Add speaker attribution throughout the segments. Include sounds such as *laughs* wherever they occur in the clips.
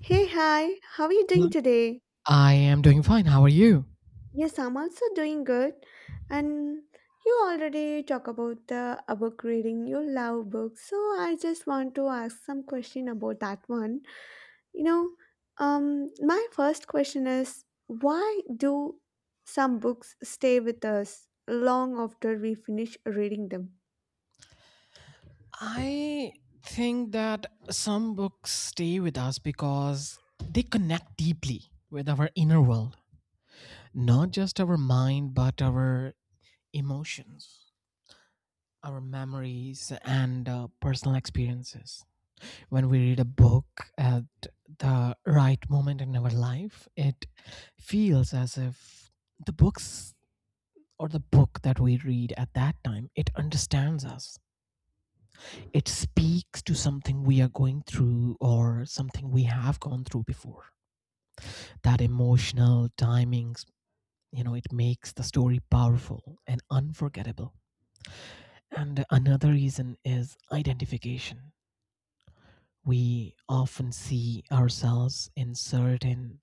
Speaker 1: Hey, hi, how are you
Speaker 2: Hello.
Speaker 1: doing today?
Speaker 2: I am doing fine. How are you?
Speaker 1: Yes, I'm also doing good. And you already talk about the a book reading, you love books. So I just want to ask some question about that one. You know, my first question is why do some books stay with us long after we finish reading them?
Speaker 2: I think that some books stay with us because they connect deeply with our inner world, not just our mind, but our emotions, our memories, and personal experiences. When we read a book at the right moment in our life, it feels as if the books the book that we read at that time it understands us. It speaks to something we are going through or something we have gone through before. That emotional timings, you know, it makes the story powerful and unforgettable. And another reason is identification. We often see ourselves in certain,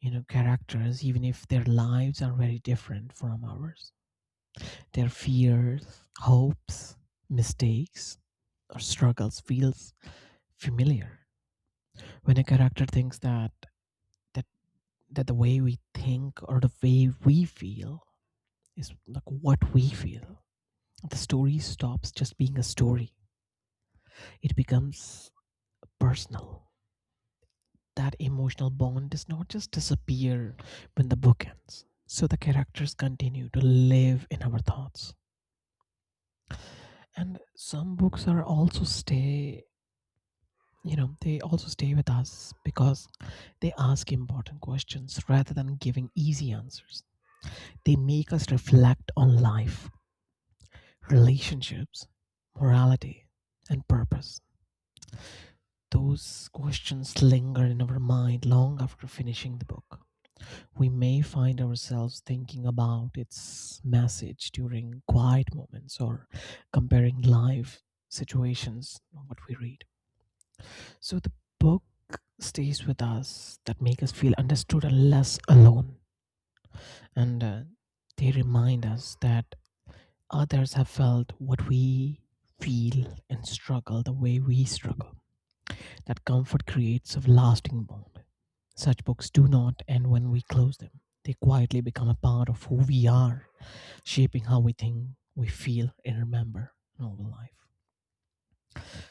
Speaker 2: you know, characters, even if their lives are very different from ours. Their fears, hopes, mistakes, or struggles feels familiar. When a character thinks that the way we think or the way we feel is like what we feel. The story stops just being a story, it becomes personal. That emotional bond does not just disappear when the book ends. So the characters continue to live in our thoughts. And some books are also stay, they also stay with us because they ask important questions rather than giving easy answers. They make us reflect on life, relationships, morality, and purpose. Those questions linger in our mind long after finishing the book. We may find ourselves thinking about its message during quiet moments or comparing life situations of what we read. So the book stays with us that make us feel understood and less alone, and they remind us that others have felt what we feel and struggle the way we struggle. That comfort creates a lasting bond. Such books do not end when we close them, they quietly become a part of who we are, shaping how we think, we feel, and remember novel life.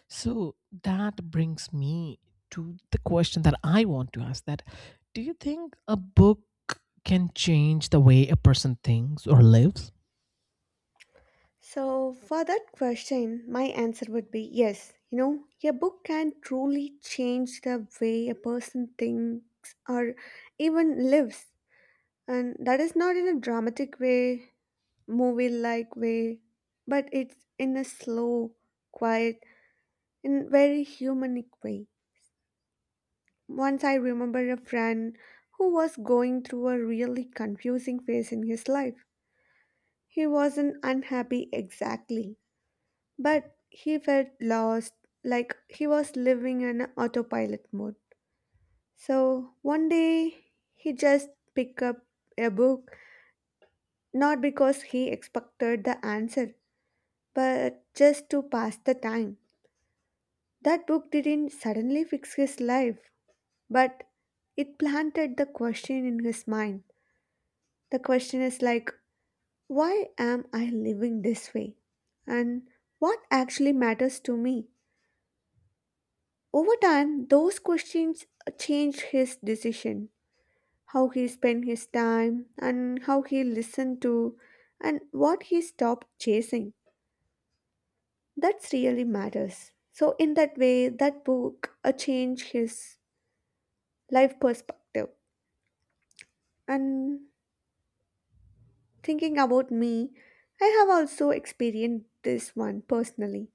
Speaker 2: So that brings me to the question that I want to ask, that do you think a book can change the way a person thinks or lives?
Speaker 1: So, for that question, my answer would be yes. You know, a book can truly change the way a person thinks or even lives. And that is not in a dramatic way, movie like way, but it's in a slow, quiet, and very humanic way. Once I remember a friend who was going through a really confusing phase in his life. He wasn't unhappy exactly but he felt lost, like he was living in autopilot mode. So one day he just picked up a book, not because he expected the answer, but just to pass the time. That book didn't suddenly fix his life, but it planted the question in his mind. The question is like, why am I living this way? And what actually matters to me? Over time, those questions changed his decision how he spent his time, and how he listened to, and what he stopped chasing. That's really matters. So, in that way, that book changed his life perspective. And thinking about me, I have also experienced this one personally.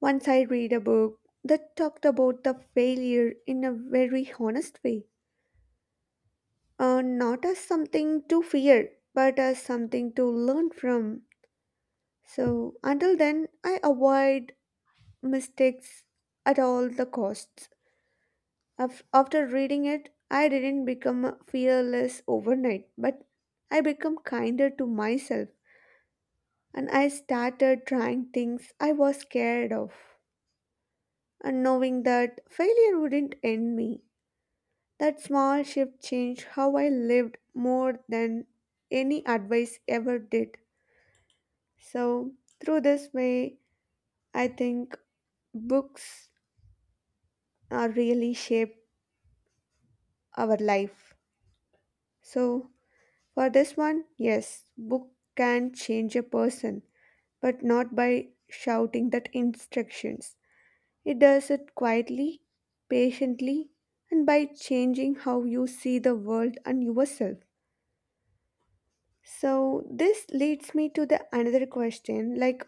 Speaker 1: Once I read a book that talked about the failure in a very honest way, not as something to fear, but as something to learn from. So until then, I avoid mistakes at all the costs. After reading it, I didn't become fearless overnight, but I become kinder to myself and I started trying things I was scared of and knowing that failure wouldn't end me. That small shift changed how I lived more than any advice ever did. So, through this way, I think books are really shape our life. So, for this one, yes, book can change a person, but not by shouting that instructions. It does it quietly, patiently, and by changing how you see the world and yourself. So, this leads me to the another question like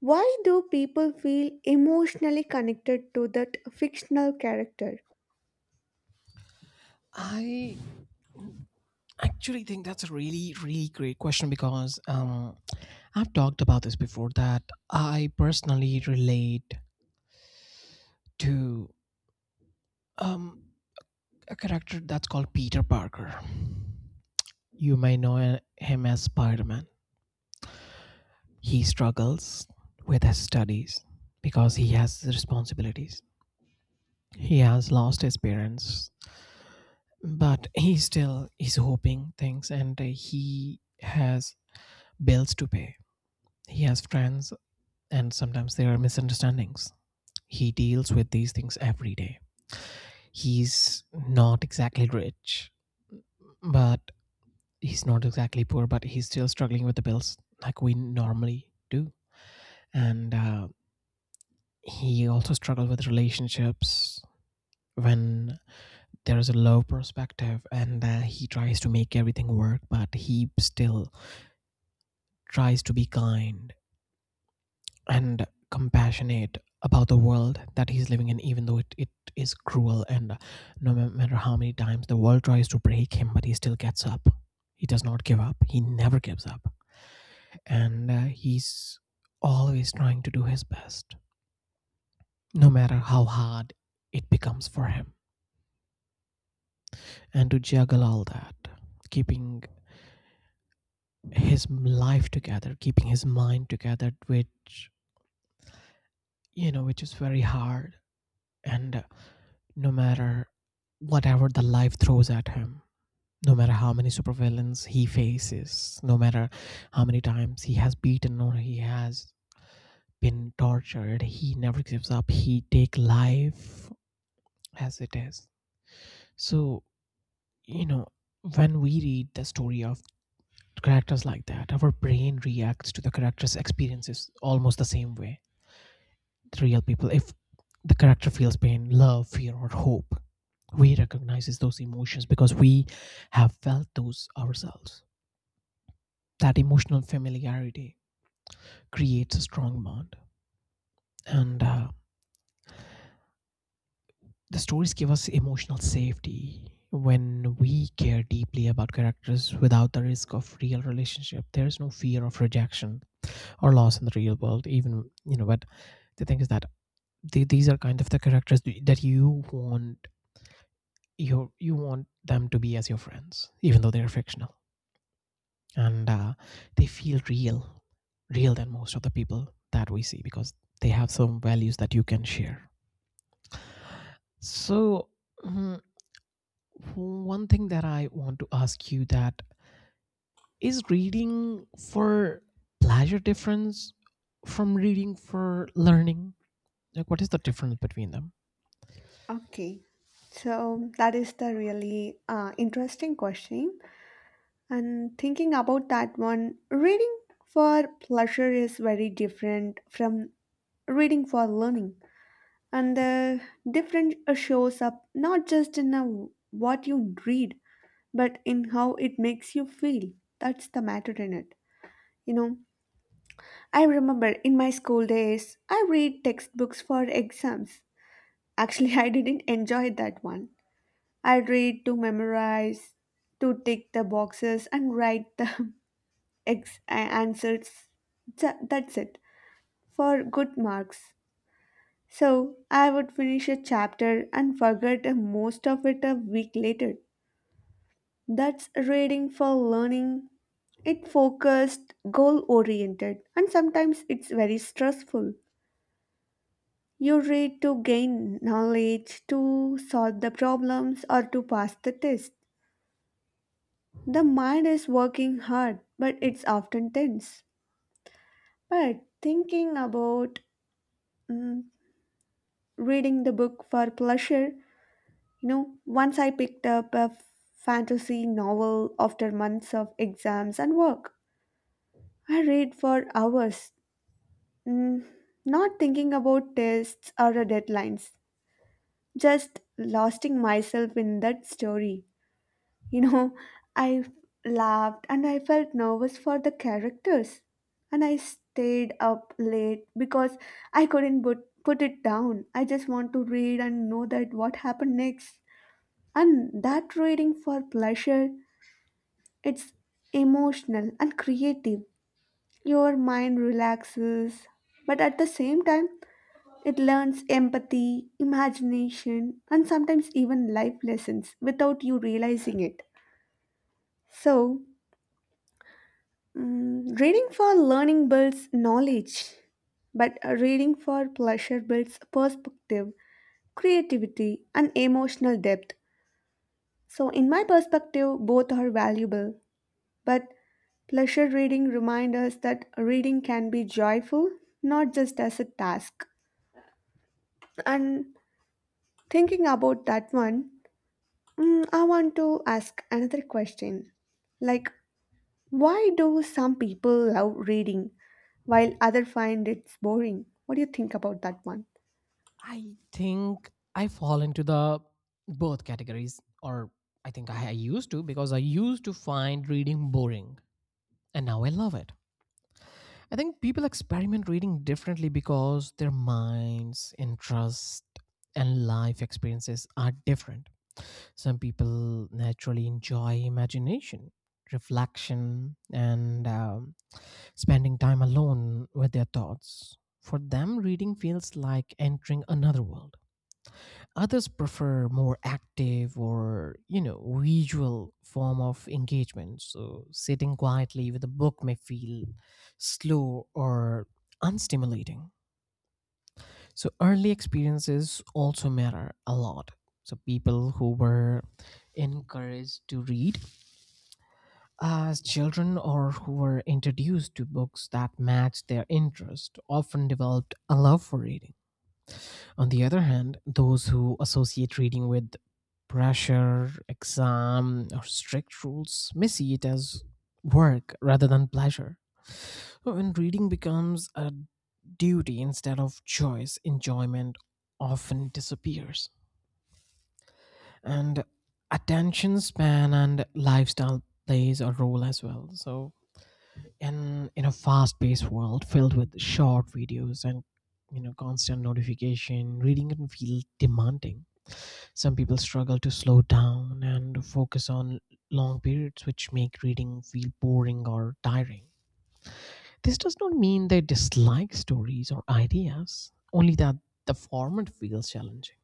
Speaker 1: why do people feel emotionally connected to that fictional character?
Speaker 2: I actually think that's a really great question, because I've talked about this before, that I personally relate to, um, a character that's called Peter Parker. You may know him as Spider-Man. He struggles with his studies because he has responsibilities, he has lost his parents, but he still is hoping things and he has bills to pay, he has friends, and sometimes there are misunderstandings. He deals with these things every day. He's not exactly rich, but he's not exactly poor, but he's still struggling with the bills like we normally do. And he also struggles with relationships when there is a low perspective, and he tries to make everything work, but he still tries to be kind and compassionate about the world that he's living in, even though it is cruel, and no matter how many times the world tries to break him, but he still gets up. He does not give up, he never gives up. And he's always trying to do his best, no matter how hard it becomes for him, and to juggle all that, keeping his life together, keeping his mind together, which, you know, which is very hard. And no matter whatever the life throws at him, no matter how many supervillains he faces, no matter how many times he has beaten or he has been tortured, he never gives up. He take life as it is. So, you know, when we read the story of characters like that, our brain reacts to the characters' experiences almost the same way. The real people, if the character feels pain, love, fear or hope, we recognizes those emotions because we have felt those ourselves. That emotional familiarity creates a strong bond. And the stories give us emotional safety. When we care deeply about characters without the risk of real relationship, there is no fear of rejection or loss in the real world, even, you know, but the thing is that these are kind of the characters that you want. You want them to be as your friends, even though they're fictional, and they feel real, real than most of the people that we see, because they have some values that you can share. So, mm, one thing that I want to ask you, that is reading for pleasure difference from reading for learning. Like, what is the difference between them?
Speaker 1: Okay, so that is the really interesting question. And thinking about that one, reading for pleasure is very different from reading for learning. And the difference shows up not just in a, what you read, but in how it makes you feel. That's the matter in it. You know, I remember in my school days, I read textbooks for exams. Actually, *laughs* I didn't enjoy that one. I read to memorize, to tick the boxes and write the *laughs* answers. That's it for good marks. So I would finish a chapter and forget most of it a week later. That's reading for learning. It focused, goal oriented, and sometimes it's very stressful. You read to gain knowledge, to solve the problems, or to pass the test. The mind is working hard, but it's often tense. But thinking about mm, reading the book for pleasure, you know, once I picked up a fantasy novel after months of exams and work. I read for hours, mm, not thinking about tests or deadlines, just losing myself in that story. You know, I f- laughed and I felt nervous for the characters. And I stayed up late because I couldn't put it down. I just want to read and know that what happened next. And that reading for pleasure, it's emotional and creative. Your mind relaxes, but at the same time, it learns empathy, imagination, and sometimes even life lessons without you realizing it. So, reading for learning builds knowledge, but reading for pleasure builds perspective, creativity, and emotional depth. So, in my perspective, both are valuable. But pleasure reading reminds us that reading can be joyful, not just as a task. And thinking about that one, I want to ask another question. Like, why do some people love reading while others find it boring? What do you think about that one?
Speaker 2: I think I fall into the both categories, or I think I used to, because I used to find reading boring and now I love it. I think people experiment reading differently because their minds, interests, and life experiences are different. Some people naturally enjoy imagination, reflection, and spending time alone with their thoughts. For them, reading feels like entering another world. Others prefer more active or, you know, visual form of engagement. So sitting quietly with a book may feel slow or unstimulating. So early experiences also matter a lot. So people who were encouraged to read as children, or who were introduced to books that matched their interest, often developed a love for reading. On the other hand, those who associate reading with pressure, exam, or strict rules may see it as work rather than pleasure. So, when reading becomes a duty instead of choice, enjoyment often disappears. And attention span and lifestyle plays a role as well. So in a fast-paced world filled with short videos and, you know, constant notification, reading can feel demanding. Some people struggle to slow down and focus on long periods, which make reading feel boring or tiring. This does not mean they dislike stories or ideas, only that the format feels challenging.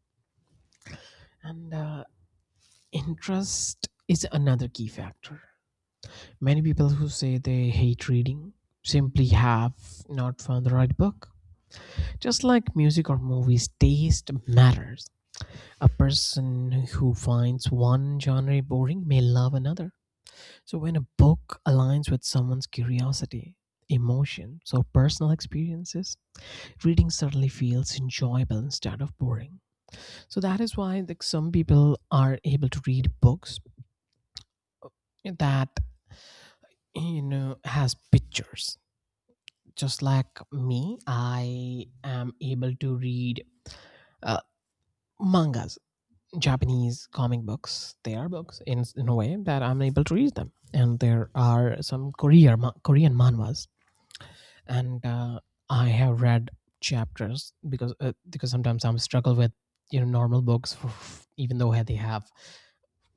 Speaker 2: And interest is another key factor. Many people who say they hate reading simply have not found the right book. Just like music or movies, taste matters. A person who finds one genre boring may love another. So, when a book aligns with someone's curiosity, emotions, or personal experiences, reading suddenly feels enjoyable instead of boring. So, that is why, like, some people are able to read books that, you know, has pictures. Just like me, I am able to read uh, mangas, Japanese comic books. They are books in a way that I'm able to read them, and there are some Korean Korean manhwas, and I have read chapters because sometimes I'm struggle with, you know, normal books. For even though they have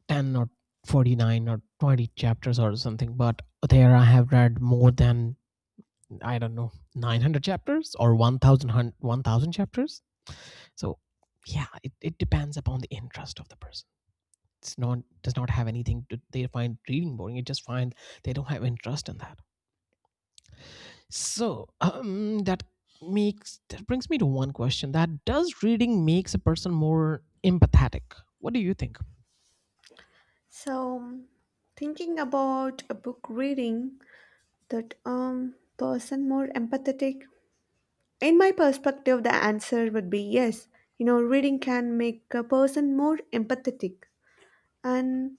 Speaker 2: 10 or 49 or 20 chapters or something, but there I have read more than, I don't know, 900 chapters or 1,000 chapters. So yeah, it depends upon the interest of the person. It's not does not have anything to they find reading boring, it just find they don't have interest in that. So that brings me to one question, that does reading makes a person more empathetic? What do you think?
Speaker 1: So, thinking about a book reading that person more empathetic. In my perspective, the answer would be yes. You know, reading can make a person more empathetic, and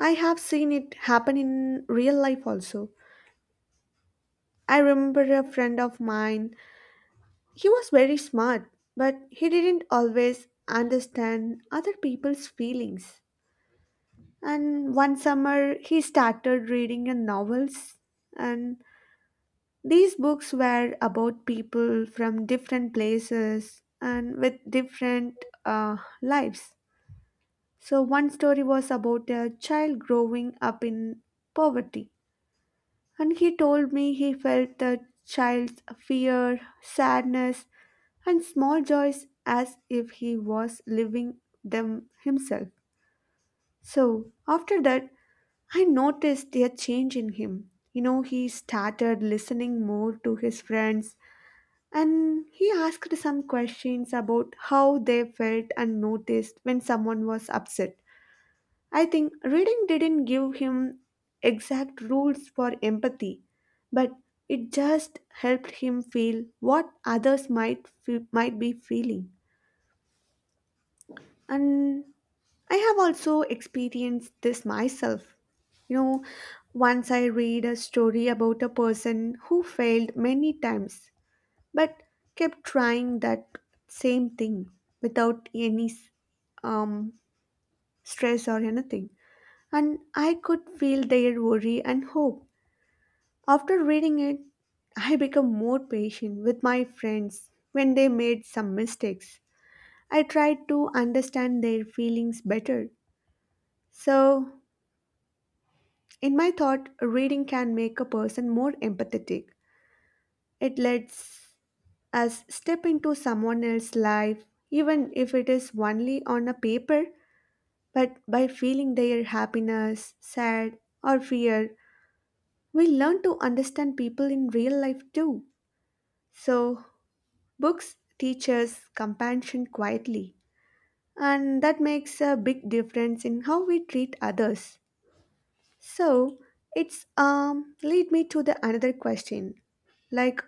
Speaker 1: I have seen it happen in real life also. I remember a friend of mine. He was very smart, but he didn't always understand other people's feelings. And one summer, he started reading a novels, and these books were about people from different places and with different lives. So, one story was about a child growing up in poverty, and he told me he felt the child's fear, sadness, and small joys as if he was living them himself. So, after that, I noticed a change in him. You know, he started listening more to his friends and he asked some questions about how they felt and noticed when someone was upset. I think reading didn't give him exact rules for empathy, but it just helped him feel what others might be feeling. And I have also experienced this myself. You know, once I read a story about a person who failed many times but kept trying that same thing without any um, stress or anything. And I could feel their worry and hope. After reading it, I become more patient with my friends when they made some mistakes. I tried to understand their feelings better. So, in my thought, reading can make a person more empathetic. It lets us step into someone else's life, even if it is only on a paper, but by feeling their happiness, sad, or fear, we learn to understand people in real life too. So, books teach us compassion quietly, and that makes a big difference in how we treat others. So, it's lead me to the another question like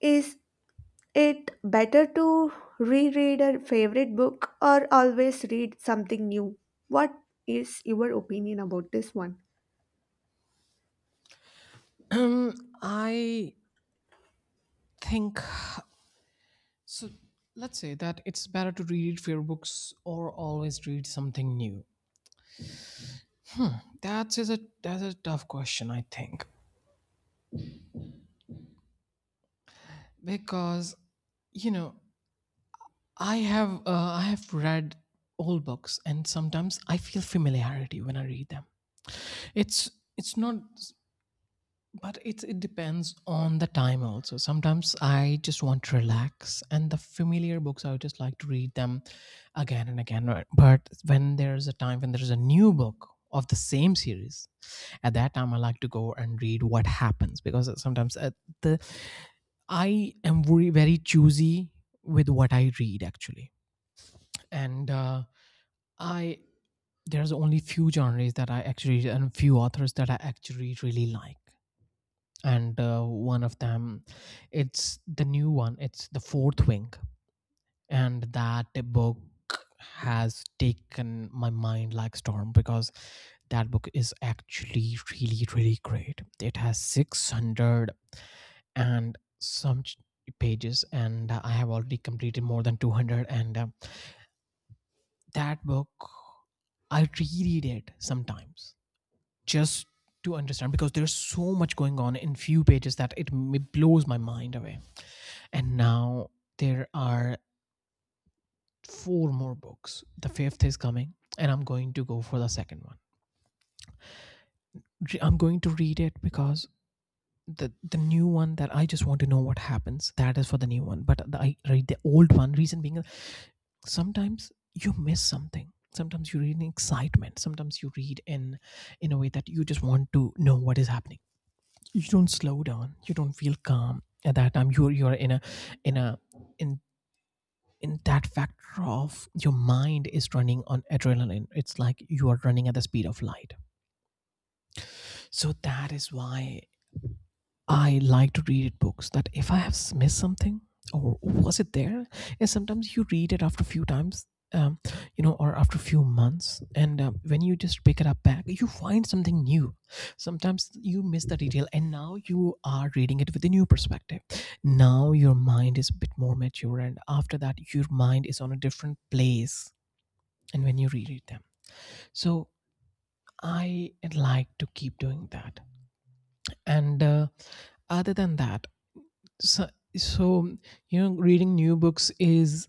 Speaker 1: is it better to reread a favorite book or always read something new? What is your opinion about this one?
Speaker 2: um I think so. Let's say that it's better to read fewer books or always read something new. That's a tough question, I think, because, you know, I have read all books, and sometimes I feel familiarity when I read them. It's it's not, but it depends on the time also. Sometimes I just want to relax, and the familiar books I would just like to read them again and again, right? But when there is a time when there is a new book of the same series, at that time I like to go and read what happens. Because sometimes at the, I am very choosy with what I read, actually. And I there's only few genres that I actually, and few authors that I actually really like. And one of them, it's the new one, it's the Fourth Wing. And that book has taken my mind like storm, because that book is actually really great. It has 600 and some pages, and I have already completed more than 200. And that book I reread it sometimes, just to understand, because there's so much going on in few pages that it blows my mind away. And now there are four more books, the fifth is coming, and I'm going to go for the second one. I'm going to read it. Because the new one, that I just want to know what happens, that is for the new one. But I read the old one, reason being, sometimes you miss something, sometimes you read in excitement, sometimes you read in a way that you just want to know what is happening. You don't slow down, you don't feel calm. At that time you're in a in a in in that factor of your mind is running on adrenaline. It's like you are running at the speed of light. So that is why I like to read books, that if I have missed something, or was it there? And sometimes you read it after a few times, um, or after a few months, and when you just pick it up back, you find something new. Sometimes you miss the detail, and now you are reading it with a new perspective. Now your mind is a bit more mature, and after that, your mind is on a different place. And when you reread them, so I like to keep doing that, and. Other than that so, so reading new books is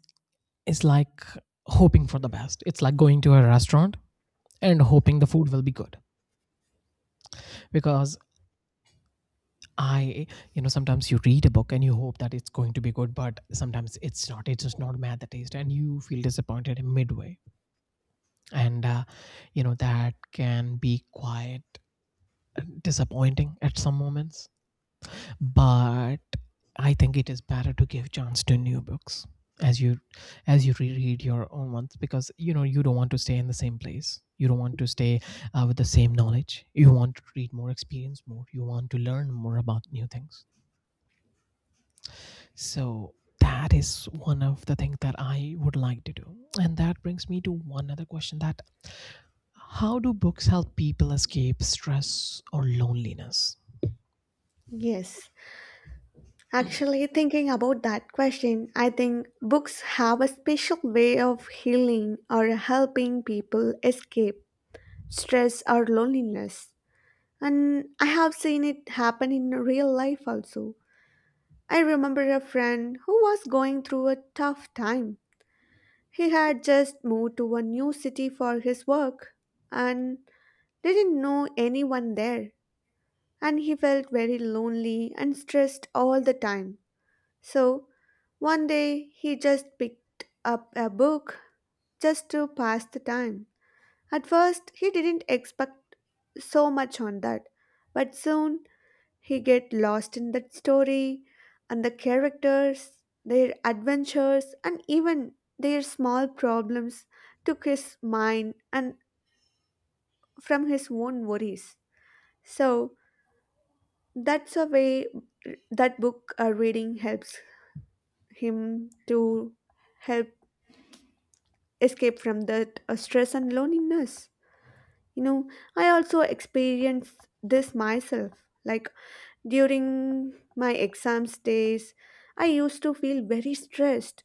Speaker 2: is like hoping for the best. It's like going to a restaurant and hoping the food will be good. Because I you know sometimes you read a book and you hope that it's going to be good, but sometimes it's not. It's just not mad the taste, and you feel disappointed in midway. And that can be quite disappointing at some moments. But I think it is better to give chance to new books as you as you reread your own ones, because you know you don't want to stay in the same place. You don't want to stay with the same knowledge. You want to read more, experience more. You want to learn more about new things. So that is one of the things that I would like to do, and that brings me to one other question: that how do books help people escape stress or loneliness?
Speaker 1: Yes. Actually, thinking about that question, I think books have a special way of healing or helping people escape stress or loneliness. And I have seen it happen in real life also. I remember a friend who was going through a tough time. He had just moved to a new city for his work and didn't know anyone there, and he felt very lonely and stressed all the time. So, one day he just picked up a book just to pass the time. At first, he didn't expect so much on that, but soon he get lost in that story and the characters, their adventures and even their small problems took his mind and from his own worries. So that's a way that book reading helps him to help escape from that stress and loneliness. You know, I also experienced this myself. Like during my exams days, I used to feel very stressed.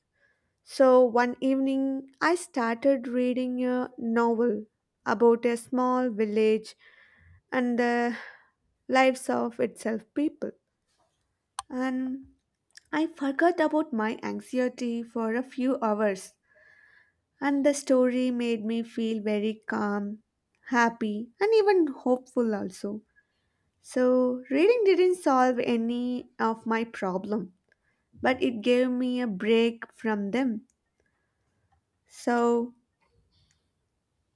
Speaker 1: So one evening, I started reading a novel about a small village and the lives of itself people. And I forgot about my anxiety for a few hours, and the story made me feel very calm, happy, and even hopeful also. So, reading didn't solve any of my problem, but it gave me a break from them. So,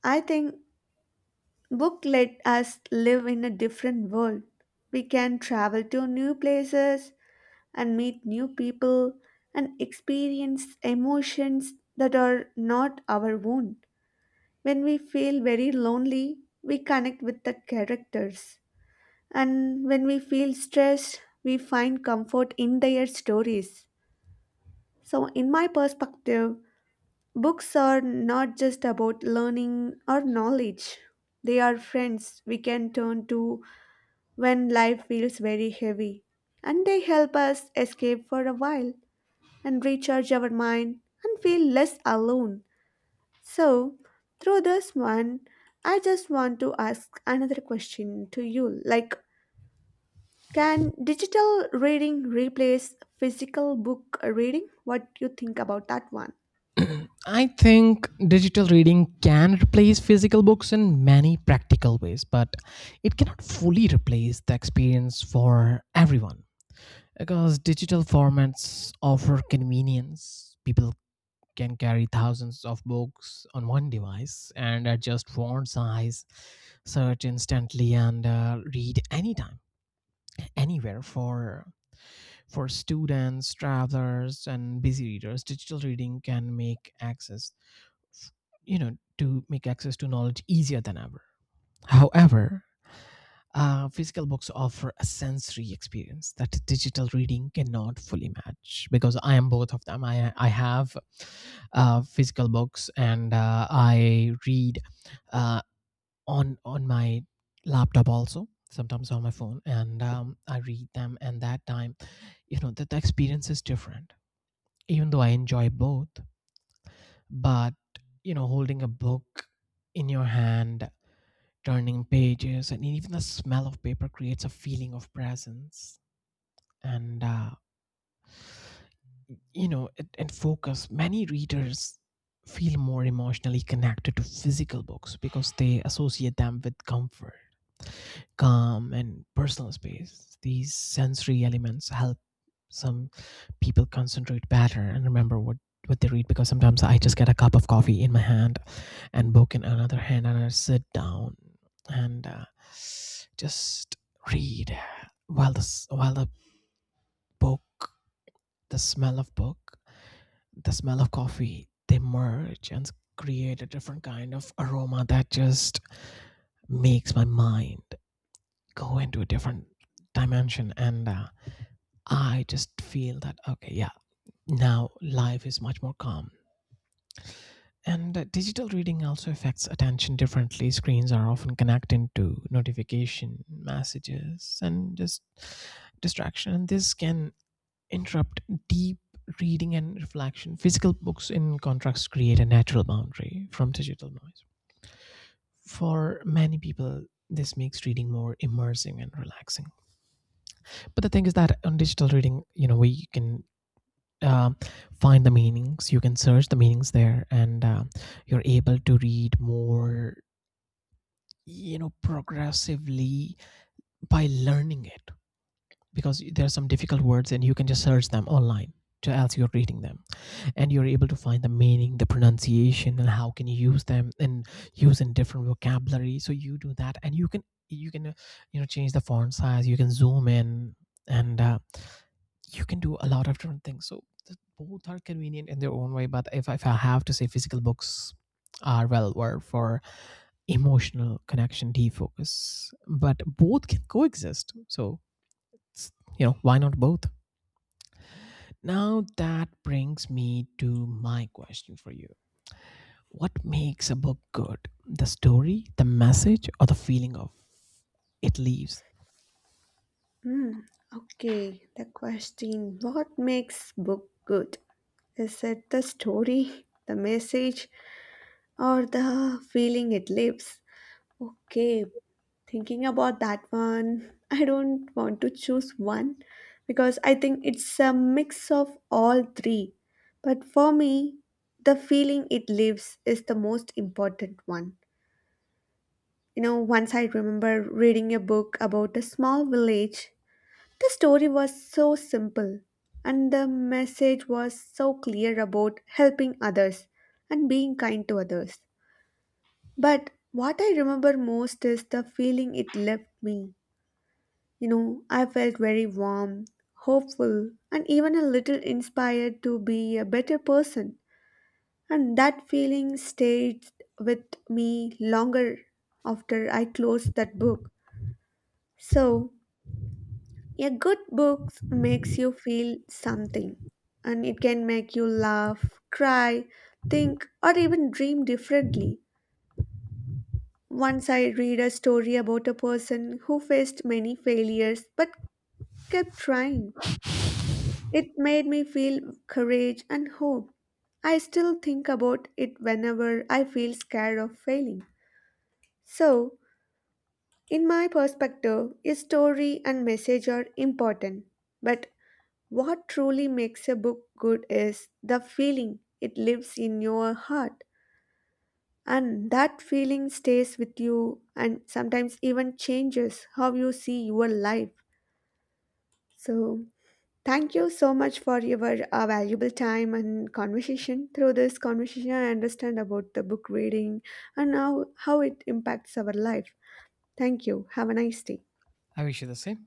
Speaker 1: I think book let us live in a different world. We can travel to new places and meet new people and experience emotions that are not our own. When we feel very lonely, we connect with the characters. And when we feel stressed, we find comfort in their stories. So, in my perspective, books are not just about learning or knowledge, they are friends we can turn to when life feels very heavy, and they help us escape for a while and recharge our mind and feel less alone. So, through this one, I just want to ask another question to you like, can digital reading replace physical book reading? What do you think about that one?
Speaker 2: I think digital reading can replace physical books in many practical ways, but it cannot fully replace the experience for everyone, because digital formats offer convenience. People can carry thousands of books on one device and adjust font size, search instantly, and read anytime, anywhere. For students, travelers, and busy readers, digital reading can make access, you know to make access to knowledge easier than ever. However, physical books offer a sensory experience that digital reading cannot fully match, because I am both of them. I have physical books, and I read uh, on my laptop, also sometimes on my phone, and I read them, and that time, you know that the experience is different. Even though I enjoy both, but you know, holding a book in your hand, turning pages, and even the smell of paper creates a feeling of presence, and and focus. Many readers feel more emotionally connected to physical books because they associate them with comfort, calm, and personal space. These sensory elements help some people concentrate better and remember what they read. Because sometimes I just get a cup of coffee in my hand and book in another hand, and I sit down, and just read, while the while the book, the smell of book, the smell of coffee, they merge and create a different kind of aroma that just makes my mind go into a different dimension. And I just feel that, okay, yeah, now life is much more calm. And digital reading also affects attention differently. Screens are often connected to notification messages and just distraction, and this can interrupt deep reading and reflection. Physical books, in contrast, create a natural boundary from digital noise. For many people, this makes reading more immersive and relaxing. But the thing is that on digital reading, we can um find the meanings. You can search the meanings there, and you're able to read more, progressively, by learning it. Because there are some difficult words, and you can just search them online as you're reading them, and you're able to find the meaning, the pronunciation, and how can you use them and use in different vocabulary. So you do that, and you can change the font size. You can zoom in and. You can do a lot of different things. So both are convenient in their own way. But if I have to say, physical books are well worth for emotional connection, defocus. But both can coexist. So it's- why not both? Now that brings me to my question for you: what makes a book good? The story, the message, or the feeling of it leaves?
Speaker 1: Hmm. Okay, the question what makes book good? Is it the story, the message, or the feeling it leaves. Okay, thinking about that one, I don't want to choose one because I think it's a mix of all three. But for me, the feeling it leaves is the most important one. You know, once I remember reading a book about a small village. The story was so simple, and the message was so clear about helping others and being kind to others. But what I remember most is the feeling it left me. You know, I felt very warm, hopeful, and even a little inspired to be a better person. And that feeling stayed with me longer after I closed that book. So, a good book makes you feel something, and it can make you laugh, cry, think, or even dream differently. Once I read a story about a person who faced many failures but kept trying. It made me feel courage and hope. I still think about it whenever I feel scared of failing. So, in my perspective, a story and message are important. But what truly makes a book good is the feeling it lives in your heart. And that feeling stays with you and sometimes even changes how you see your life. So, thank you so much for your valuable time and conversation. Through this conversation, I understand about the book reading and how it impacts our life. Thank you. Have a nice day.
Speaker 2: I wish you the same.